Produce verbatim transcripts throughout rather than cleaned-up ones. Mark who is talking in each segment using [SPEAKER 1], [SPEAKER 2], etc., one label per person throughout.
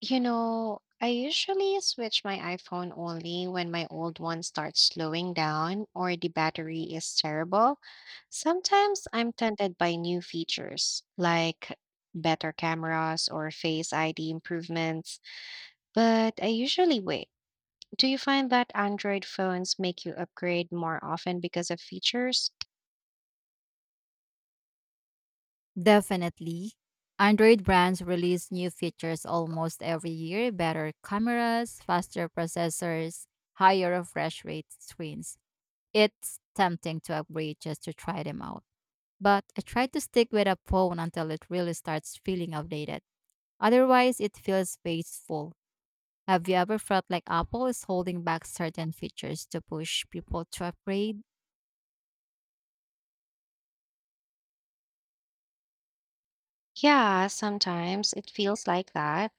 [SPEAKER 1] You know, I usually switch my iPhone only when my old one starts slowing down or the battery is terrible. Sometimes I'm tempted by new features like better cameras or Face I D improvements, but I usually wait. Do you find that Android phones make you upgrade more often because of features?
[SPEAKER 2] Definitely. Android brands release new features almost every year better cameras, faster processors, higher refresh rate screens. It's tempting to upgrade just to try them out. But I try to stick with a phone until it really starts feeling outdated. Otherwise, it feels wasteful. Have you ever felt like Apple is holding back certain features to push people to upgrade?
[SPEAKER 1] Yeah, sometimes it feels like that.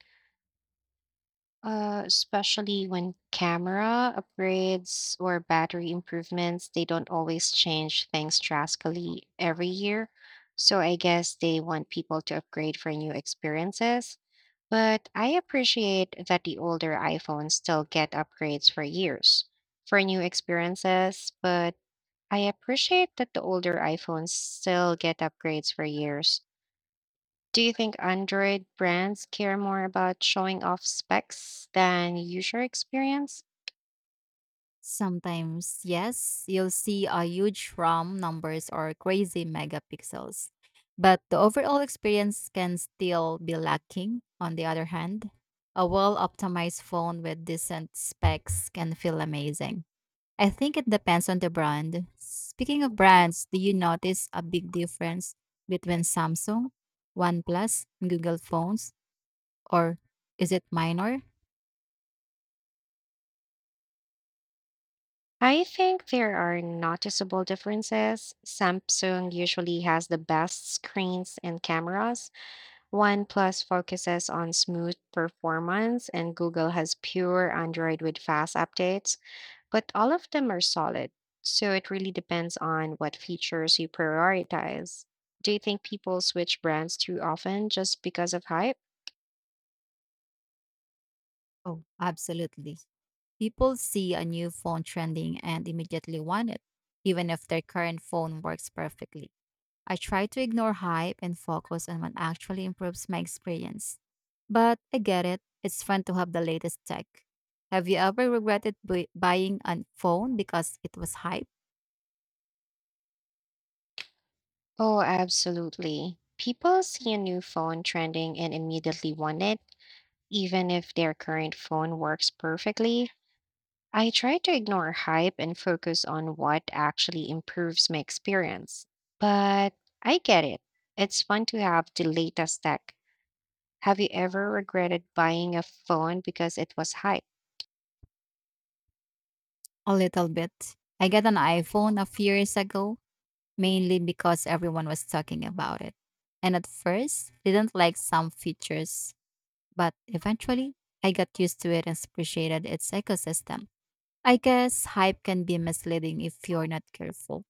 [SPEAKER 1] Uh, especially when camera upgrades or battery improvements, they don't always change things drastically every year. So I guess they want people to upgrade for new experiences. But I appreciate that the older iPhones still get upgrades for years for new experiences, but I appreciate that the older iPhones still get upgrades for years. Do you think Android brands care more about showing off specs than user experience?
[SPEAKER 2] Sometimes, yes, you'll see a huge RAM numbers or crazy megapixels, but the overall experience can still be lacking. On the other hand, a well optimized phone with decent specs can feel amazing. I think it depends on the brand. Speaking of brands, do you notice a big difference between Samsung, OnePlus, and Google phones, or is it minor?
[SPEAKER 1] I think there are noticeable differences. Samsung usually has the best screens and cameras. OnePlus focuses on smooth performance, and Google has pure Android with fast updates, but all of them are solid. So it really depends on what features you prioritize. Do you think people switch brands too often just because of hype?
[SPEAKER 2] Oh, absolutely. People see a new phone trending and immediately want it, even if their current phone works perfectly. I try to ignore hype and focus on what actually improves my experience. But I get it, it's fun to have the latest tech. Have you ever regretted bu- buying a phone because it was hype?
[SPEAKER 1] Oh, absolutely. People see a new phone trending and immediately want it, even if their current phone works perfectly. I try to ignore hype and focus on what actually improves my experience. But I get it. It's fun to have the latest tech. Have you ever regretted buying a phone because it was hype?
[SPEAKER 2] A little bit. I got an iPhone a few years ago, mainly because everyone was talking about it. And at first, didn't like some features. But eventually, I got used to it and appreciated its ecosystem. I guess hype can be misleading if you're not careful.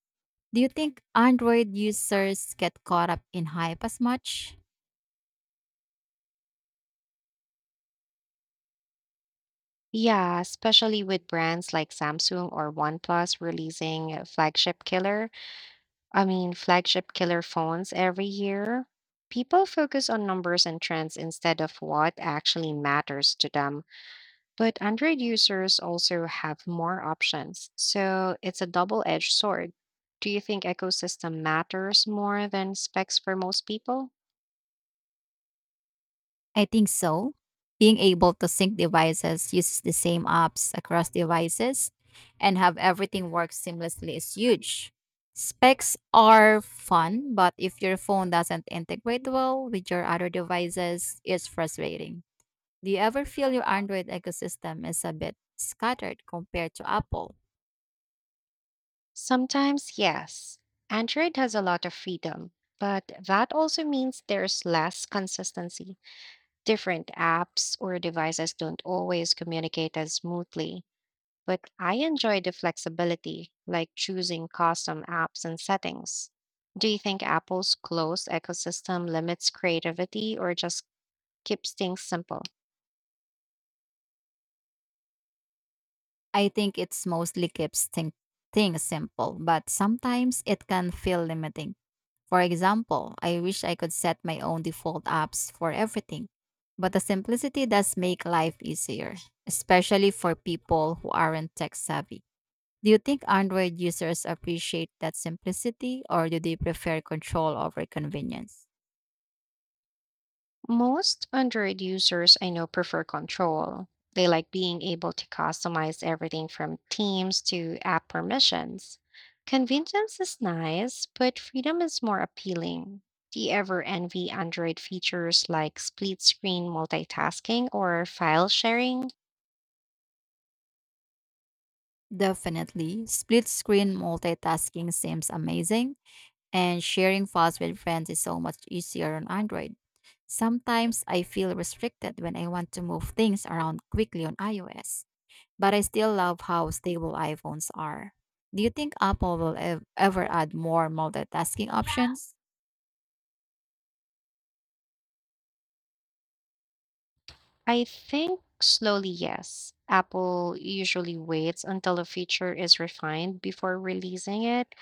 [SPEAKER 2] Do you think Android users get caught up in hype as much?
[SPEAKER 1] Yeah, especially with brands like Samsung or OnePlus releasing a flagship killer. I mean, flagship killer phones every year. People focus on numbers and trends instead of what actually matters to them. But Android users also have more options, so it's a double edged sword. Do you think ecosystem matters more than specs for most people?
[SPEAKER 2] I think so. Being able to sync devices, use the same apps across devices, and have everything work seamlessly is huge. Specs are fun, but if your phone doesn't integrate well with your other devices, it's frustrating. Do you ever feel your Android ecosystem is a bit scattered compared to Apple?
[SPEAKER 1] Sometimes, yes. Android has a lot of freedom, but that also means there's less consistency. Different apps or devices don't always communicate as smoothly. But I enjoy the flexibility, like choosing custom apps and settings. Do you think Apple's closed ecosystem limits creativity or just keeps things simple?
[SPEAKER 2] I think it's mostly keeps thing- things simple, but sometimes it can feel limiting. For example, I wish I could set my own default apps for everything, but the simplicity does make life easier, especially for people who aren't tech savvy. Do you think Android users appreciate that simplicity or do they prefer control over convenience?
[SPEAKER 1] Most Android users I know prefer control. They like being able to customize everything from themes to app permissions. Convenience is nice, but freedom is more appealing. Do you ever envy Android features like split screen multitasking or file sharing?
[SPEAKER 2] Definitely. Split screen multitasking seems amazing, and sharing files with friends is so much easier on Android. Sometimes I feel restricted when I want to move things around quickly on iOS, but I still love how stable iPhones are. Do you think Apple will ev- ever add more multitasking options?
[SPEAKER 1] I think slowly, yes. Apple usually waits until a feature is refined before releasing it.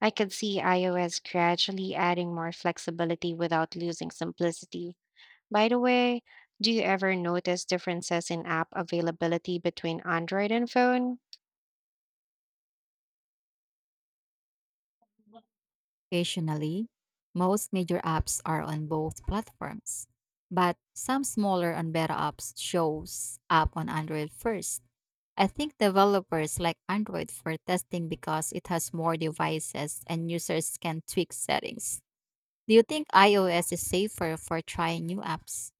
[SPEAKER 1] I could see iOS gradually adding more flexibility without losing simplicity. By the way, do you ever notice differences in app availability between Android and phone?
[SPEAKER 2] Occasionally, most major apps are on both platforms, but some smaller and better apps shows up on Android first. I think developers like Android for testing because it has more devices and users can tweak settings. Do you think iOS is safer for trying new apps?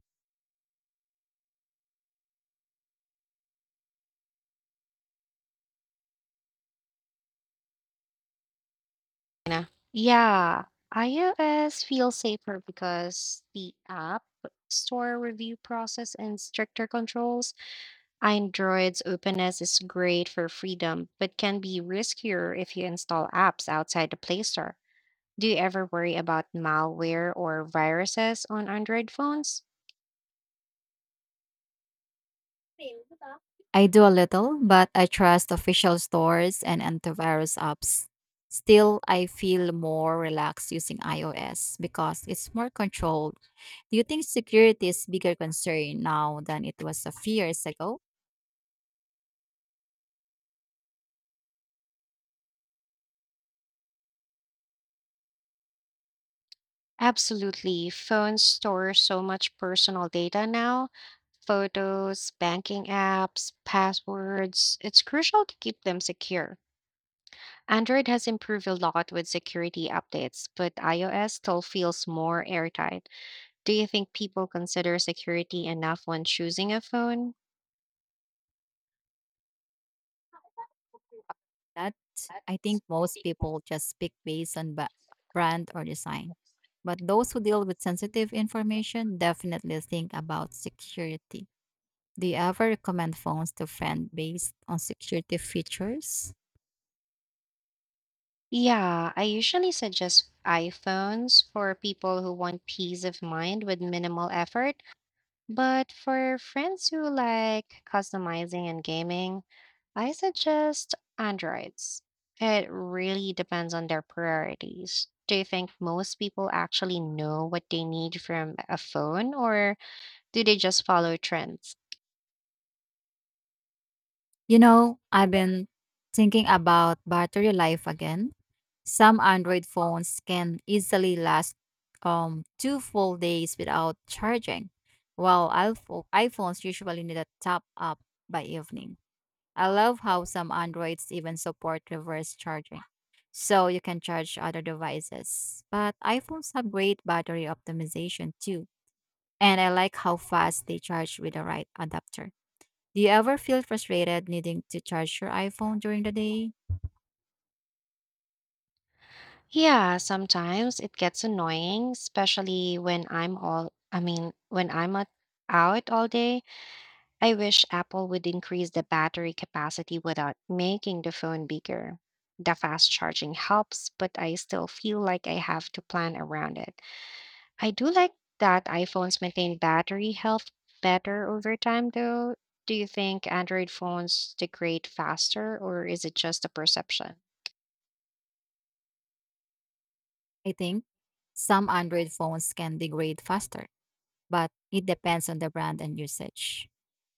[SPEAKER 1] Nah. Yeah, iOS feels safer because the app store review process and stricter controls, Android's openness is great for freedom, but can be riskier if you install apps outside the Play Store. Do you ever worry about malware or viruses on Android phones?
[SPEAKER 2] I do a little, but I trust official stores and antivirus apps. Still, I feel more relaxed using iOS because it's more controlled. Do you think security is bigger concern now than it was a few years ago?
[SPEAKER 1] Absolutely. Phones store so much personal data now, photos, banking apps, passwords. It's crucial to keep them secure. Android has improved a lot with security updates, but iOS still feels more airtight. Do you think people consider security enough when choosing a phone?
[SPEAKER 2] That. I think most people just pick based on ba- brand or design. But those who deal with sensitive information definitely think about security. Do you ever recommend phones to friends based on security features?
[SPEAKER 1] Yeah, I usually suggest iPhones for people who want peace of mind with minimal effort. But for friends who like customizing and gaming, I suggest Androids. It really depends on their priorities. Do you think most people actually know what they need from a phone, or do they just follow trends?
[SPEAKER 2] You know, I've been thinking about battery life again. Some Android phones can easily last um two full days without charging, while iPho- iPhones usually need a top up by evening. I love how some Androids even support reverse charging, so you can charge other devices. But iPhones have great battery optimization too, and I like how fast they charge with the right adapter. Do you ever feel frustrated needing to charge your iPhone during the day?
[SPEAKER 1] Yeah, sometimes it gets annoying, especially when I'm all I mean, when I'm at, out all day. I wish Apple would increase the battery capacity without making the phone bigger. The fast charging helps, but I still feel like I have to plan around it. I do like that iPhones maintain battery health better over time though. Do you think Android phones degrade faster or is it just a perception?
[SPEAKER 2] I think some Android phones can degrade faster, but it depends on the brand and usage.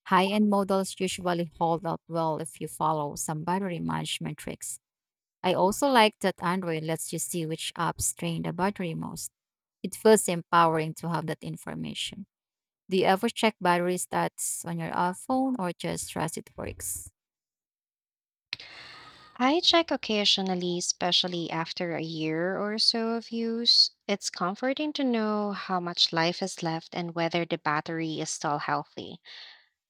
[SPEAKER 2] High end models usually hold up well if you follow some battery management tricks. I also like that Android lets you see which apps drain the battery most. It feels empowering to have that information. Do you ever check battery stats on your uh, phone or just trust it works?
[SPEAKER 1] I check occasionally, especially after a year or so of use. It's comforting to know how much life is left and whether the battery is still healthy.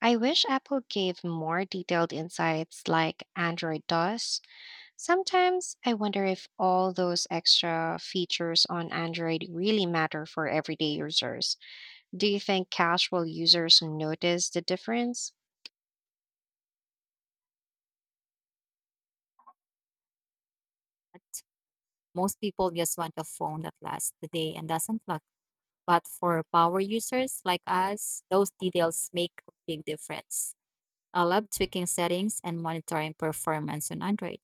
[SPEAKER 1] I wish Apple gave more detailed insights like Android does. Sometimes I wonder if all those extra features on Android really matter for everyday users. Do you think casual users notice the difference?
[SPEAKER 2] Most people just want a phone that lasts the day and doesn't lock. But for power users like us, those details make a big difference. I love tweaking settings and monitoring performance on Android.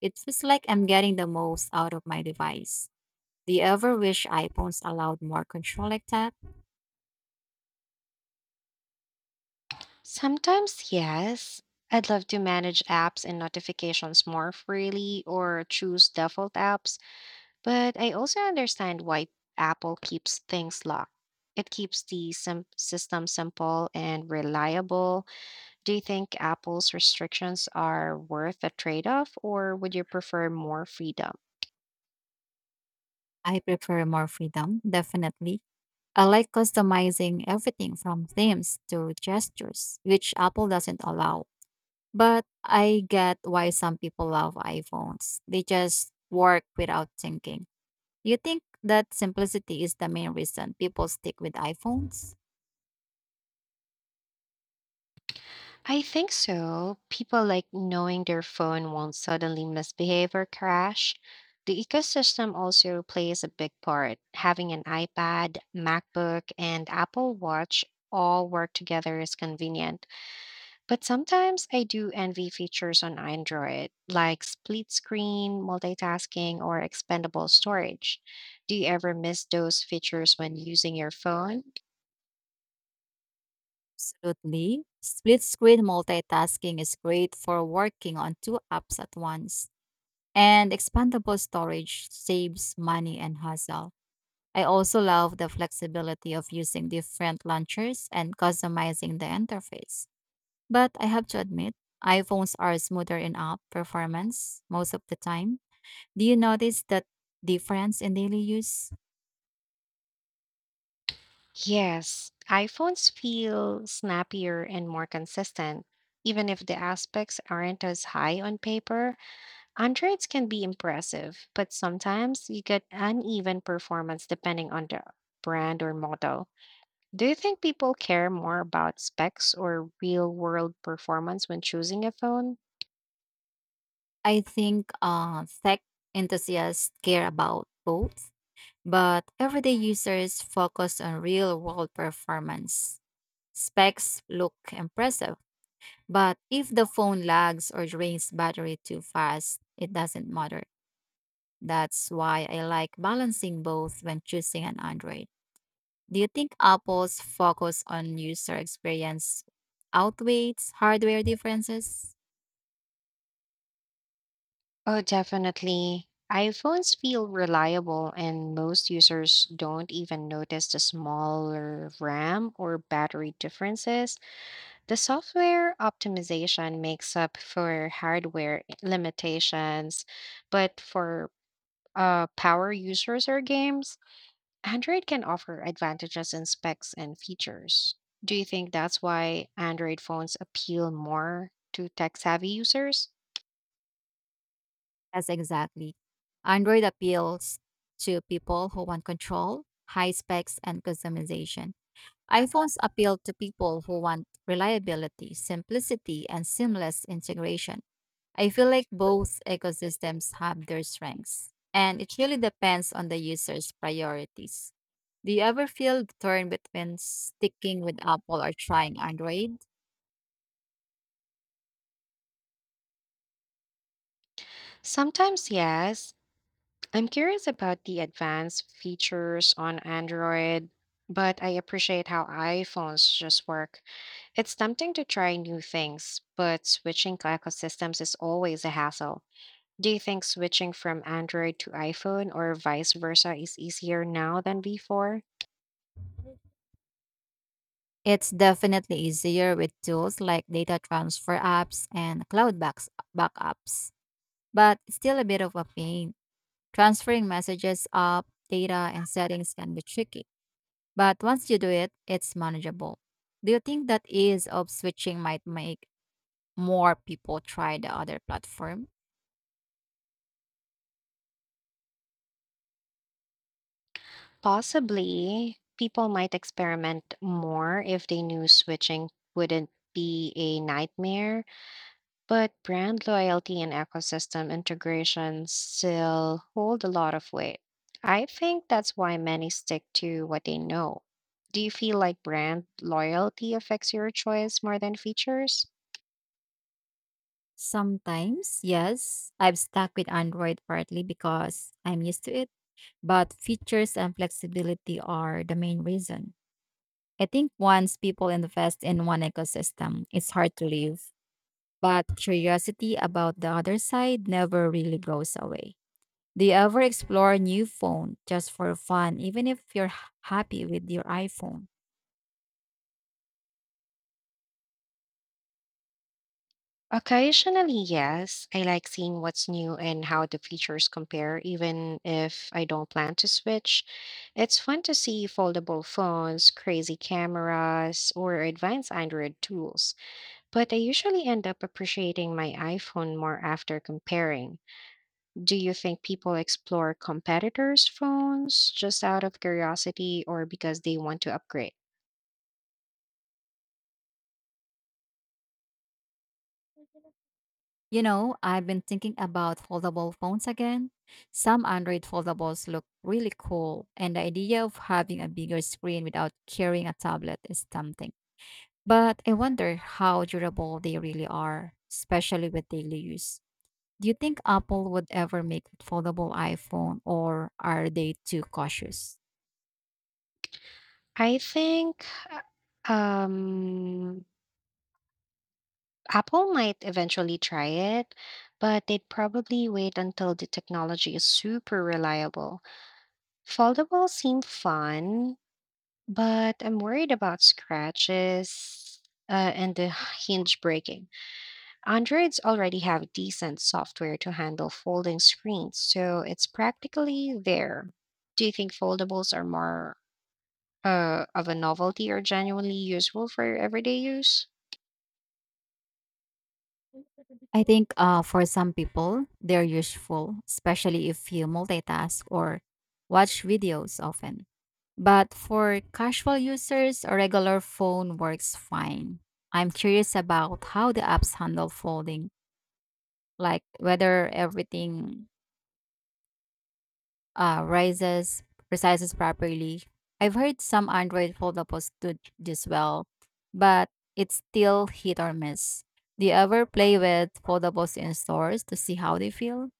[SPEAKER 2] It feels like I'm getting the most out of my device. Do you ever wish iPhones allowed more control like that?
[SPEAKER 1] Sometimes, yes. I'd love to manage apps and notifications more freely or choose default apps, but I also understand why Apple keeps things locked. It keeps the sim- system simple and reliable. Do you think Apple's restrictions are worth a trade off, or would you prefer more freedom?
[SPEAKER 2] I prefer more freedom, definitely. I like customizing everything from themes to gestures, which Apple doesn't allow. But I get why some people love iPhones. They just work without thinking. You think that simplicity is the main reason people stick with iPhones?
[SPEAKER 1] I think so. People like knowing their phone won't suddenly misbehave or crash. The ecosystem also plays a big part. Having an iPad, MacBook, and Apple Watch all work together is convenient. But sometimes I do envy features on Android, like split screen, multitasking, or expendable storage. Do you ever miss those features when using your phone?
[SPEAKER 2] Absolutely. Split screen multitasking is great for working on two apps at once. And expandable storage saves money and hassle. I also love the flexibility of using different launchers and customizing the interface. But I have to admit, iPhones are smoother in app performance most of the time. Do you notice that difference in daily use?
[SPEAKER 1] Yes, iPhones feel snappier and more consistent. Even if the aspects aren't as high on paper, Androids can be impressive, but sometimes you get uneven performance depending on the brand or model. Do you think people care more about specs or real world performance when choosing a phone?
[SPEAKER 2] I think uh, tech enthusiasts care about both, but everyday users focus on real world performance. Specs look impressive, but if the phone lags or drains battery too fast, it doesn't matter. That's why I like balancing both when choosing an Android. Do you think Apple's focus on user experience outweighs hardware differences?
[SPEAKER 1] Oh, definitely. iPhones feel reliable, and most users don't even notice the smaller RAM or battery differences. The software optimization makes up for hardware limitations, but for uh, power users or games, Android can offer advantages in specs and features. Do you think that's why Android phones appeal more to tech savvy users?
[SPEAKER 2] Yes, exactly. Android appeals to people who want control, high specs, and customization. iPhones appeal to people who want reliability, simplicity, and seamless integration. I feel like both ecosystems have their strengths, and it really depends on the user's priorities. Do you ever feel torn between sticking with Apple or trying Android?
[SPEAKER 1] Sometimes, yes. I'm curious about the advanced features on Android, but I appreciate how iPhones just work. It's tempting to try new things, but switching ecosystems is always a hassle. Do you think switching from Android to iPhone or vice versa is easier now than before?
[SPEAKER 2] It's definitely easier with tools like data transfer apps and cloud backs- backups, but it's still a bit of a pain. Transferring messages up, data, and settings can be tricky, but once you do it, it's manageable. Do you think that ease of switching might make more people try the other platform?
[SPEAKER 1] Possibly, people might experiment more if they knew switching wouldn't be a nightmare. But brand loyalty and ecosystem integration still hold a lot of weight. I think that's why many stick to what they know. Do you feel like brand loyalty affects your choice more than features?
[SPEAKER 2] Sometimes, yes, I've stuck with Android partly because I'm used to it, but features and flexibility are the main reason. I think once people invest in one ecosystem, it's hard to leave, but curiosity about the other side never really goes away. Do you ever explore new phone just for fun, even if you're h- happy with your iPhone?
[SPEAKER 1] Occasionally, yes. I like seeing what's new and how the features compare, even if I don't plan to switch. It's fun to see foldable phones, crazy cameras, or advanced Android tools. But I usually end up appreciating my iPhone more after comparing. Do you think people explore competitors' phones just out of curiosity or because they want to upgrade?
[SPEAKER 2] You know, I've been thinking about foldable phones again. Some Android foldables look really cool, and the idea of having a bigger screen without carrying a tablet is tempting. But I wonder how durable they really are, especially with daily use. Do you think Apple would ever make a foldable iPhone, or are they too cautious?
[SPEAKER 1] I think uh, um, Apple might eventually try it, but they'd probably wait until the technology is super reliable. Foldables seem fun, but I'm worried about scratches uh, and the hinge breaking. Androids already have decent software to handle folding screens, so it's practically there. Do you think foldables are more uh, of a novelty or genuinely useful for everyday use?
[SPEAKER 2] I think uh, for some people, they're useful, especially if you multitask or watch videos often. But for casual users, a regular phone works fine. I'm curious about how the apps handle folding, like whether everything uh, rises, resizes properly. I've heard some Android foldables do this well, but it's still hit or miss. Do you ever play with foldables in stores to see how they feel?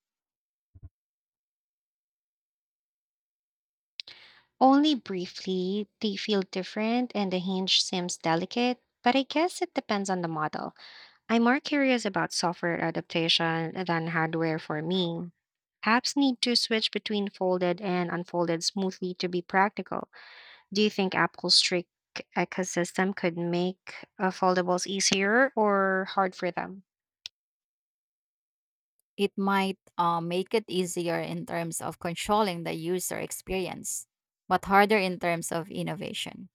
[SPEAKER 1] Only briefly, they feel different and the hinge seems delicate, but I guess it depends on the model. I'm more curious about software adaptation than hardware for me. Apps need to switch between folded and unfolded smoothly to be practical. Do you think Apple's strict ecosystem could make uh, foldables easier or hard for them?
[SPEAKER 2] It might uh, make it easier in terms of controlling the user experience, but harder in terms of innovation.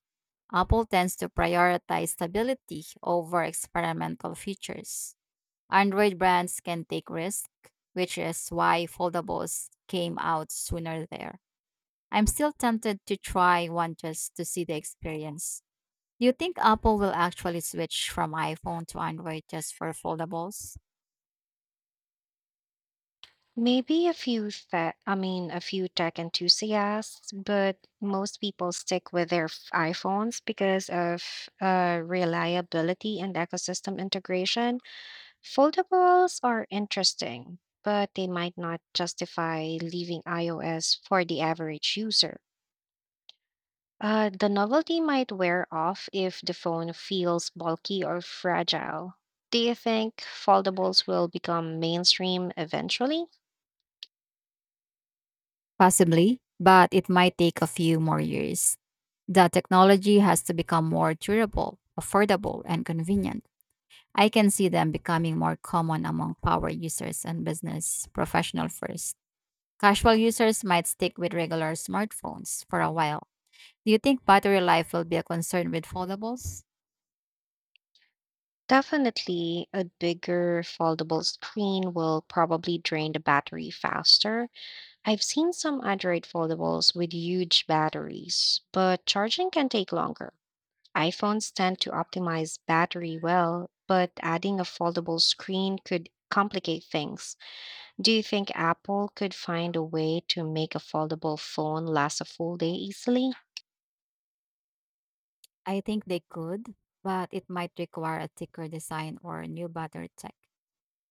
[SPEAKER 2] Apple tends to prioritize stability over experimental features. Android brands can take risks, which is why foldables came out sooner there. I'm still tempted to try one just to see the experience. Do you think Apple will actually switch from iPhone to Android just for foldables?
[SPEAKER 1] Maybe a few that I mean a few tech enthusiasts, but most people stick with their f- iPhones because of uh, reliability and ecosystem integration. Foldables are interesting, but they might not justify leaving iOS for the average user. Uh, the novelty might wear off if the phone feels bulky or fragile. Do you think foldables will become mainstream eventually?
[SPEAKER 2] Possibly, but it might take a few more years. The technology has to become more durable, affordable, and convenient. I can see them becoming more common among power users and business professional first. Casual users might stick with regular smartphones for a while. Do you think battery life will be a concern with foldables?
[SPEAKER 1] Definitely, a bigger foldable screen will probably drain the battery faster. I've seen some Android foldables with huge batteries, but charging can take longer. iPhones tend to optimize battery well, but adding a foldable screen could complicate things. Do you think Apple could find a way to make a foldable phone last a full day easily?
[SPEAKER 2] I think they could, but it might require a thicker design or new battery tech.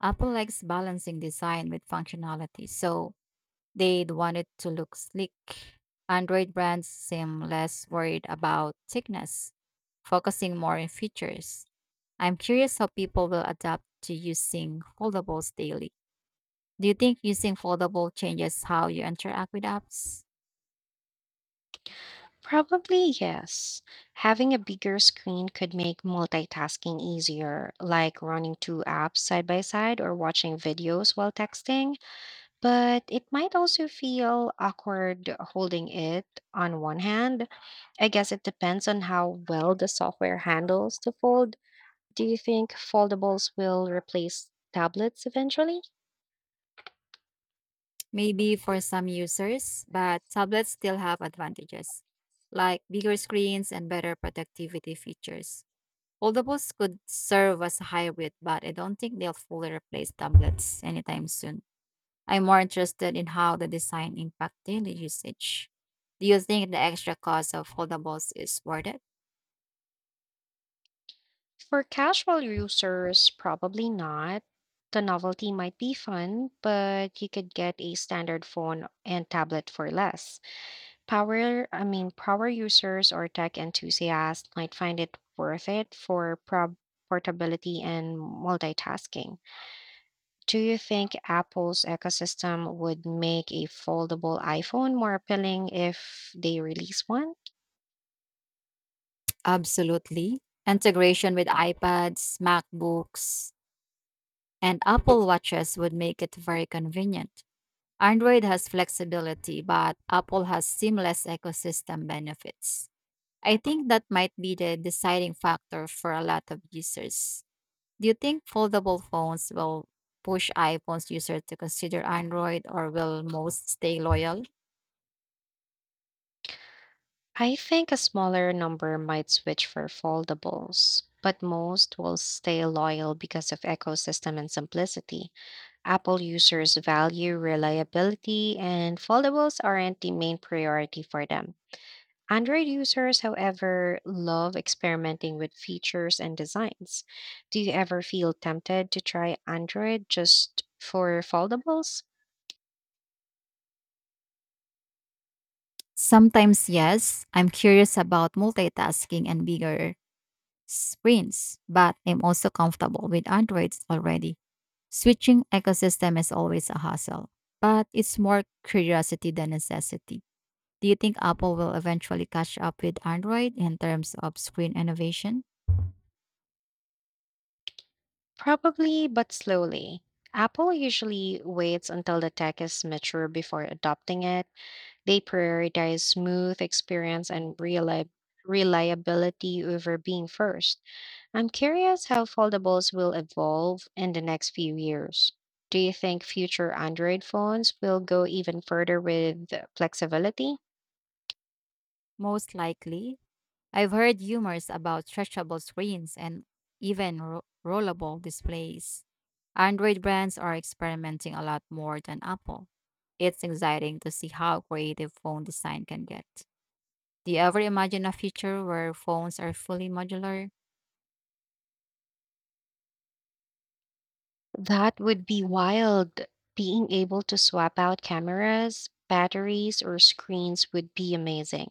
[SPEAKER 2] Apple likes balancing design with functionality, so they'd want it to look sleek. Android brands seem less worried about thickness, focusing more on features. I'm curious how people will adapt to using foldables daily. Do you think using foldable changes how you interact with apps?
[SPEAKER 1] Probably yes. Having a bigger screen could make multitasking easier, like running two apps side by side or watching videos while texting. But it might also feel awkward holding it on one hand. I guess it depends on how well the software handles the fold. Do you think foldables will replace tablets eventually?
[SPEAKER 2] Maybe for some users, but tablets still have advantages, like bigger screens and better productivity features. Foldables could serve as a hybrid, but I don't think they'll fully replace tablets anytime soon. I'm more interested in how the design impacts daily usage. Do you think the extra cost of foldables is worth it?
[SPEAKER 1] For casual users, probably not. The novelty might be fun, but you could get a standard phone and tablet for less. Power, I mean, power users or tech enthusiasts might find it worth it for prob- portability and multitasking. Do you think Apple's ecosystem would make a foldable iPhone more appealing if they release one?
[SPEAKER 2] Absolutely. Integration with iPads, MacBooks, and Apple Watches would make it very convenient. Android has flexibility, but Apple has seamless ecosystem benefits. I think that might be the deciding factor for a lot of users. Do you think foldable phones will push iPhone's user to consider Android or will most stay loyal?
[SPEAKER 1] I think a smaller number might switch for foldables, but most will stay loyal because of ecosystem and simplicity. Apple users value reliability, and foldables aren't the main priority for them. Android users, however, love experimenting with features and designs. Do you ever feel tempted to try Android just for foldables?
[SPEAKER 2] Sometimes yes. I'm curious about multitasking and bigger screens, but I'm also comfortable with Androids already. Switching ecosystem is always a hassle, but it's more curiosity than necessity. Do you think Apple will eventually catch up with Android in terms of screen innovation?
[SPEAKER 1] Probably, but slowly. Apple usually waits until the tech is mature before adopting it. They prioritize smooth experience and reali- reliability over being first. I'm curious how foldables will evolve in the next few years. Do you think future Android phones will go even further with flexibility?
[SPEAKER 2] Most likely. I've heard rumors about stretchable screens and even ro- rollable displays. Android brands are experimenting a lot more than Apple. It's exciting to see how creative phone design can get. Do you ever imagine a future where phones are fully modular?
[SPEAKER 1] That would be wild. Being able to swap out cameras, batteries, or screens would be amazing.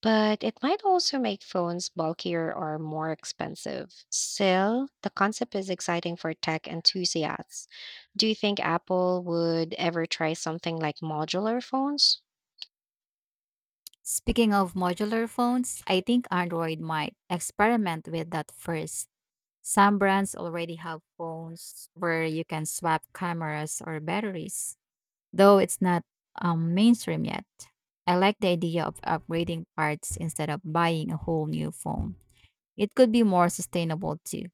[SPEAKER 1] But it might also make phones bulkier or more expensive. Still, the concept is exciting for tech enthusiasts. Do you think Apple would ever try something like modular phones?
[SPEAKER 2] Speaking of modular phones, I think Android might experiment with that first. Some brands already have phones where you can swap cameras or batteries, though it's not um, mainstream yet. I like the idea of upgrading parts instead of buying a whole new phone. It could be more sustainable too.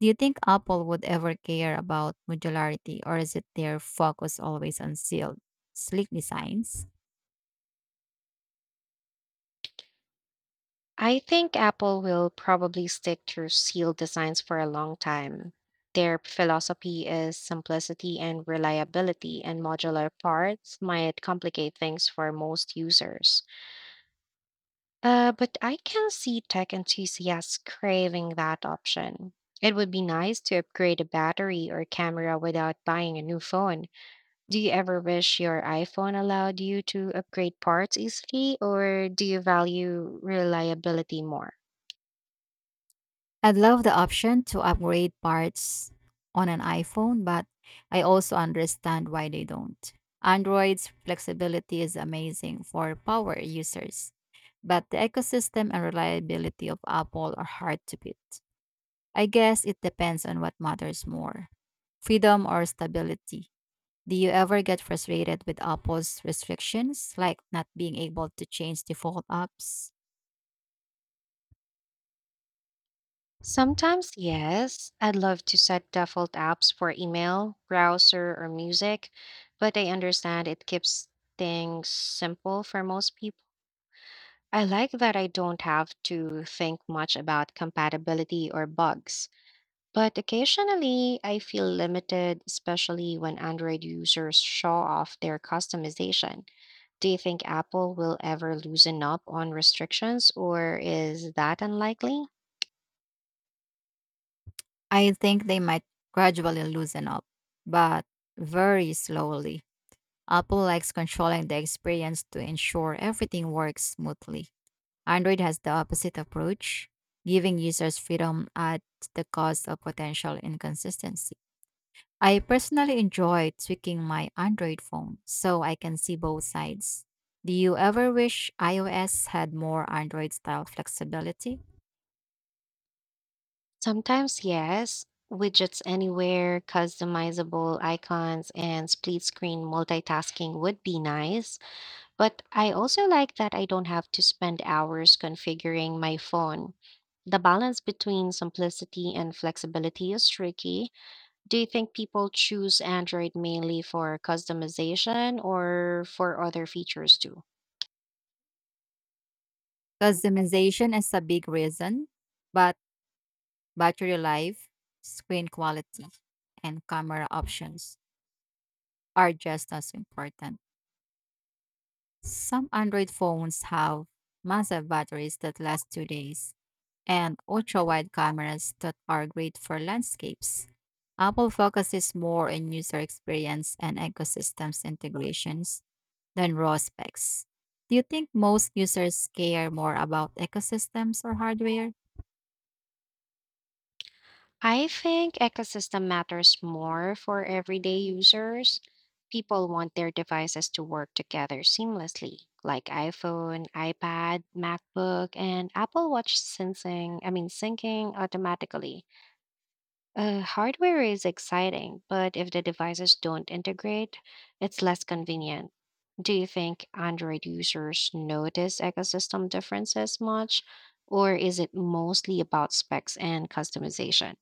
[SPEAKER 2] Do you think Apple would ever care about modularity, or is it their focus always on sealed, sleek designs?
[SPEAKER 1] I think Apple will probably stick to sealed designs for a long time. Their philosophy is simplicity and reliability, and modular parts might complicate things for most users. Uh, but I can see tech enthusiasts craving that option. It would be nice to upgrade a battery or camera without buying a new phone. Do you ever wish your iPhone allowed you to upgrade parts easily, or do you value reliability more?
[SPEAKER 2] I'd love the option to upgrade parts on an iPhone, but I also understand why they don't. Android's flexibility is amazing for power users, but the ecosystem and reliability of Apple are hard to beat. I guess it depends on what matters more freedom or stability. Do you ever get frustrated with Apple's restrictions, like not being able to change default apps?
[SPEAKER 1] Sometimes, yes. I'd love to set default apps for email, browser, or music, but I understand it keeps things simple for most people. I like that I don't have to think much about compatibility or bugs, but occasionally I feel limited, especially when Android users show off their customization. Do you think Apple will ever loosen up on restrictions, or is that unlikely?
[SPEAKER 2] I think they might gradually loosen up, but very slowly. Apple likes controlling the experience to ensure everything works smoothly. Android has the opposite approach, giving users freedom at the cost of potential inconsistency. I personally enjoy tweaking my Android phone so I can see both sides. Do you ever wish iOS had more Android style flexibility?
[SPEAKER 1] Sometimes, yes. Widgets anywhere, customizable icons, and split screen multitasking would be nice. But I also like that I don't have to spend hours configuring my phone. The balance between simplicity and flexibility is tricky. Do you think people choose Android mainly for customization or for other features too?
[SPEAKER 2] Customization is a big reason, but battery life, screen quality, and camera options are just as important. Some Android phones have massive batteries that last two days and ultra wide cameras that are great for landscapes. Apple focuses more on user experience and ecosystems integrations than raw specs. Do you think most users care more about ecosystems or hardware?
[SPEAKER 1] I think ecosystem matters more for everyday users. People want their devices to work together seamlessly, like iPhone, iPad, MacBook, and Apple Watch syncing, I mean syncing automatically. Uh, hardware is exciting, but if the devices don't integrate, it's less convenient. Do you think Android users notice ecosystem differences much, or is it mostly about specs and customization?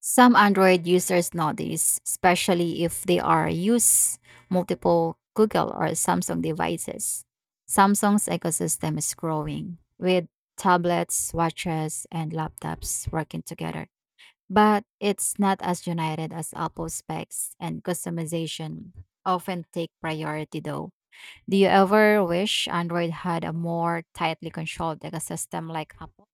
[SPEAKER 2] Some Android users notice, especially if they are use multiple Google or Samsung devices. Samsung's ecosystem is growing with tablets, watches, and laptops working together. But it's not as united as Apple specs and customization often take priority though. Do you ever wish Android had a more tightly controlled ecosystem like Apple?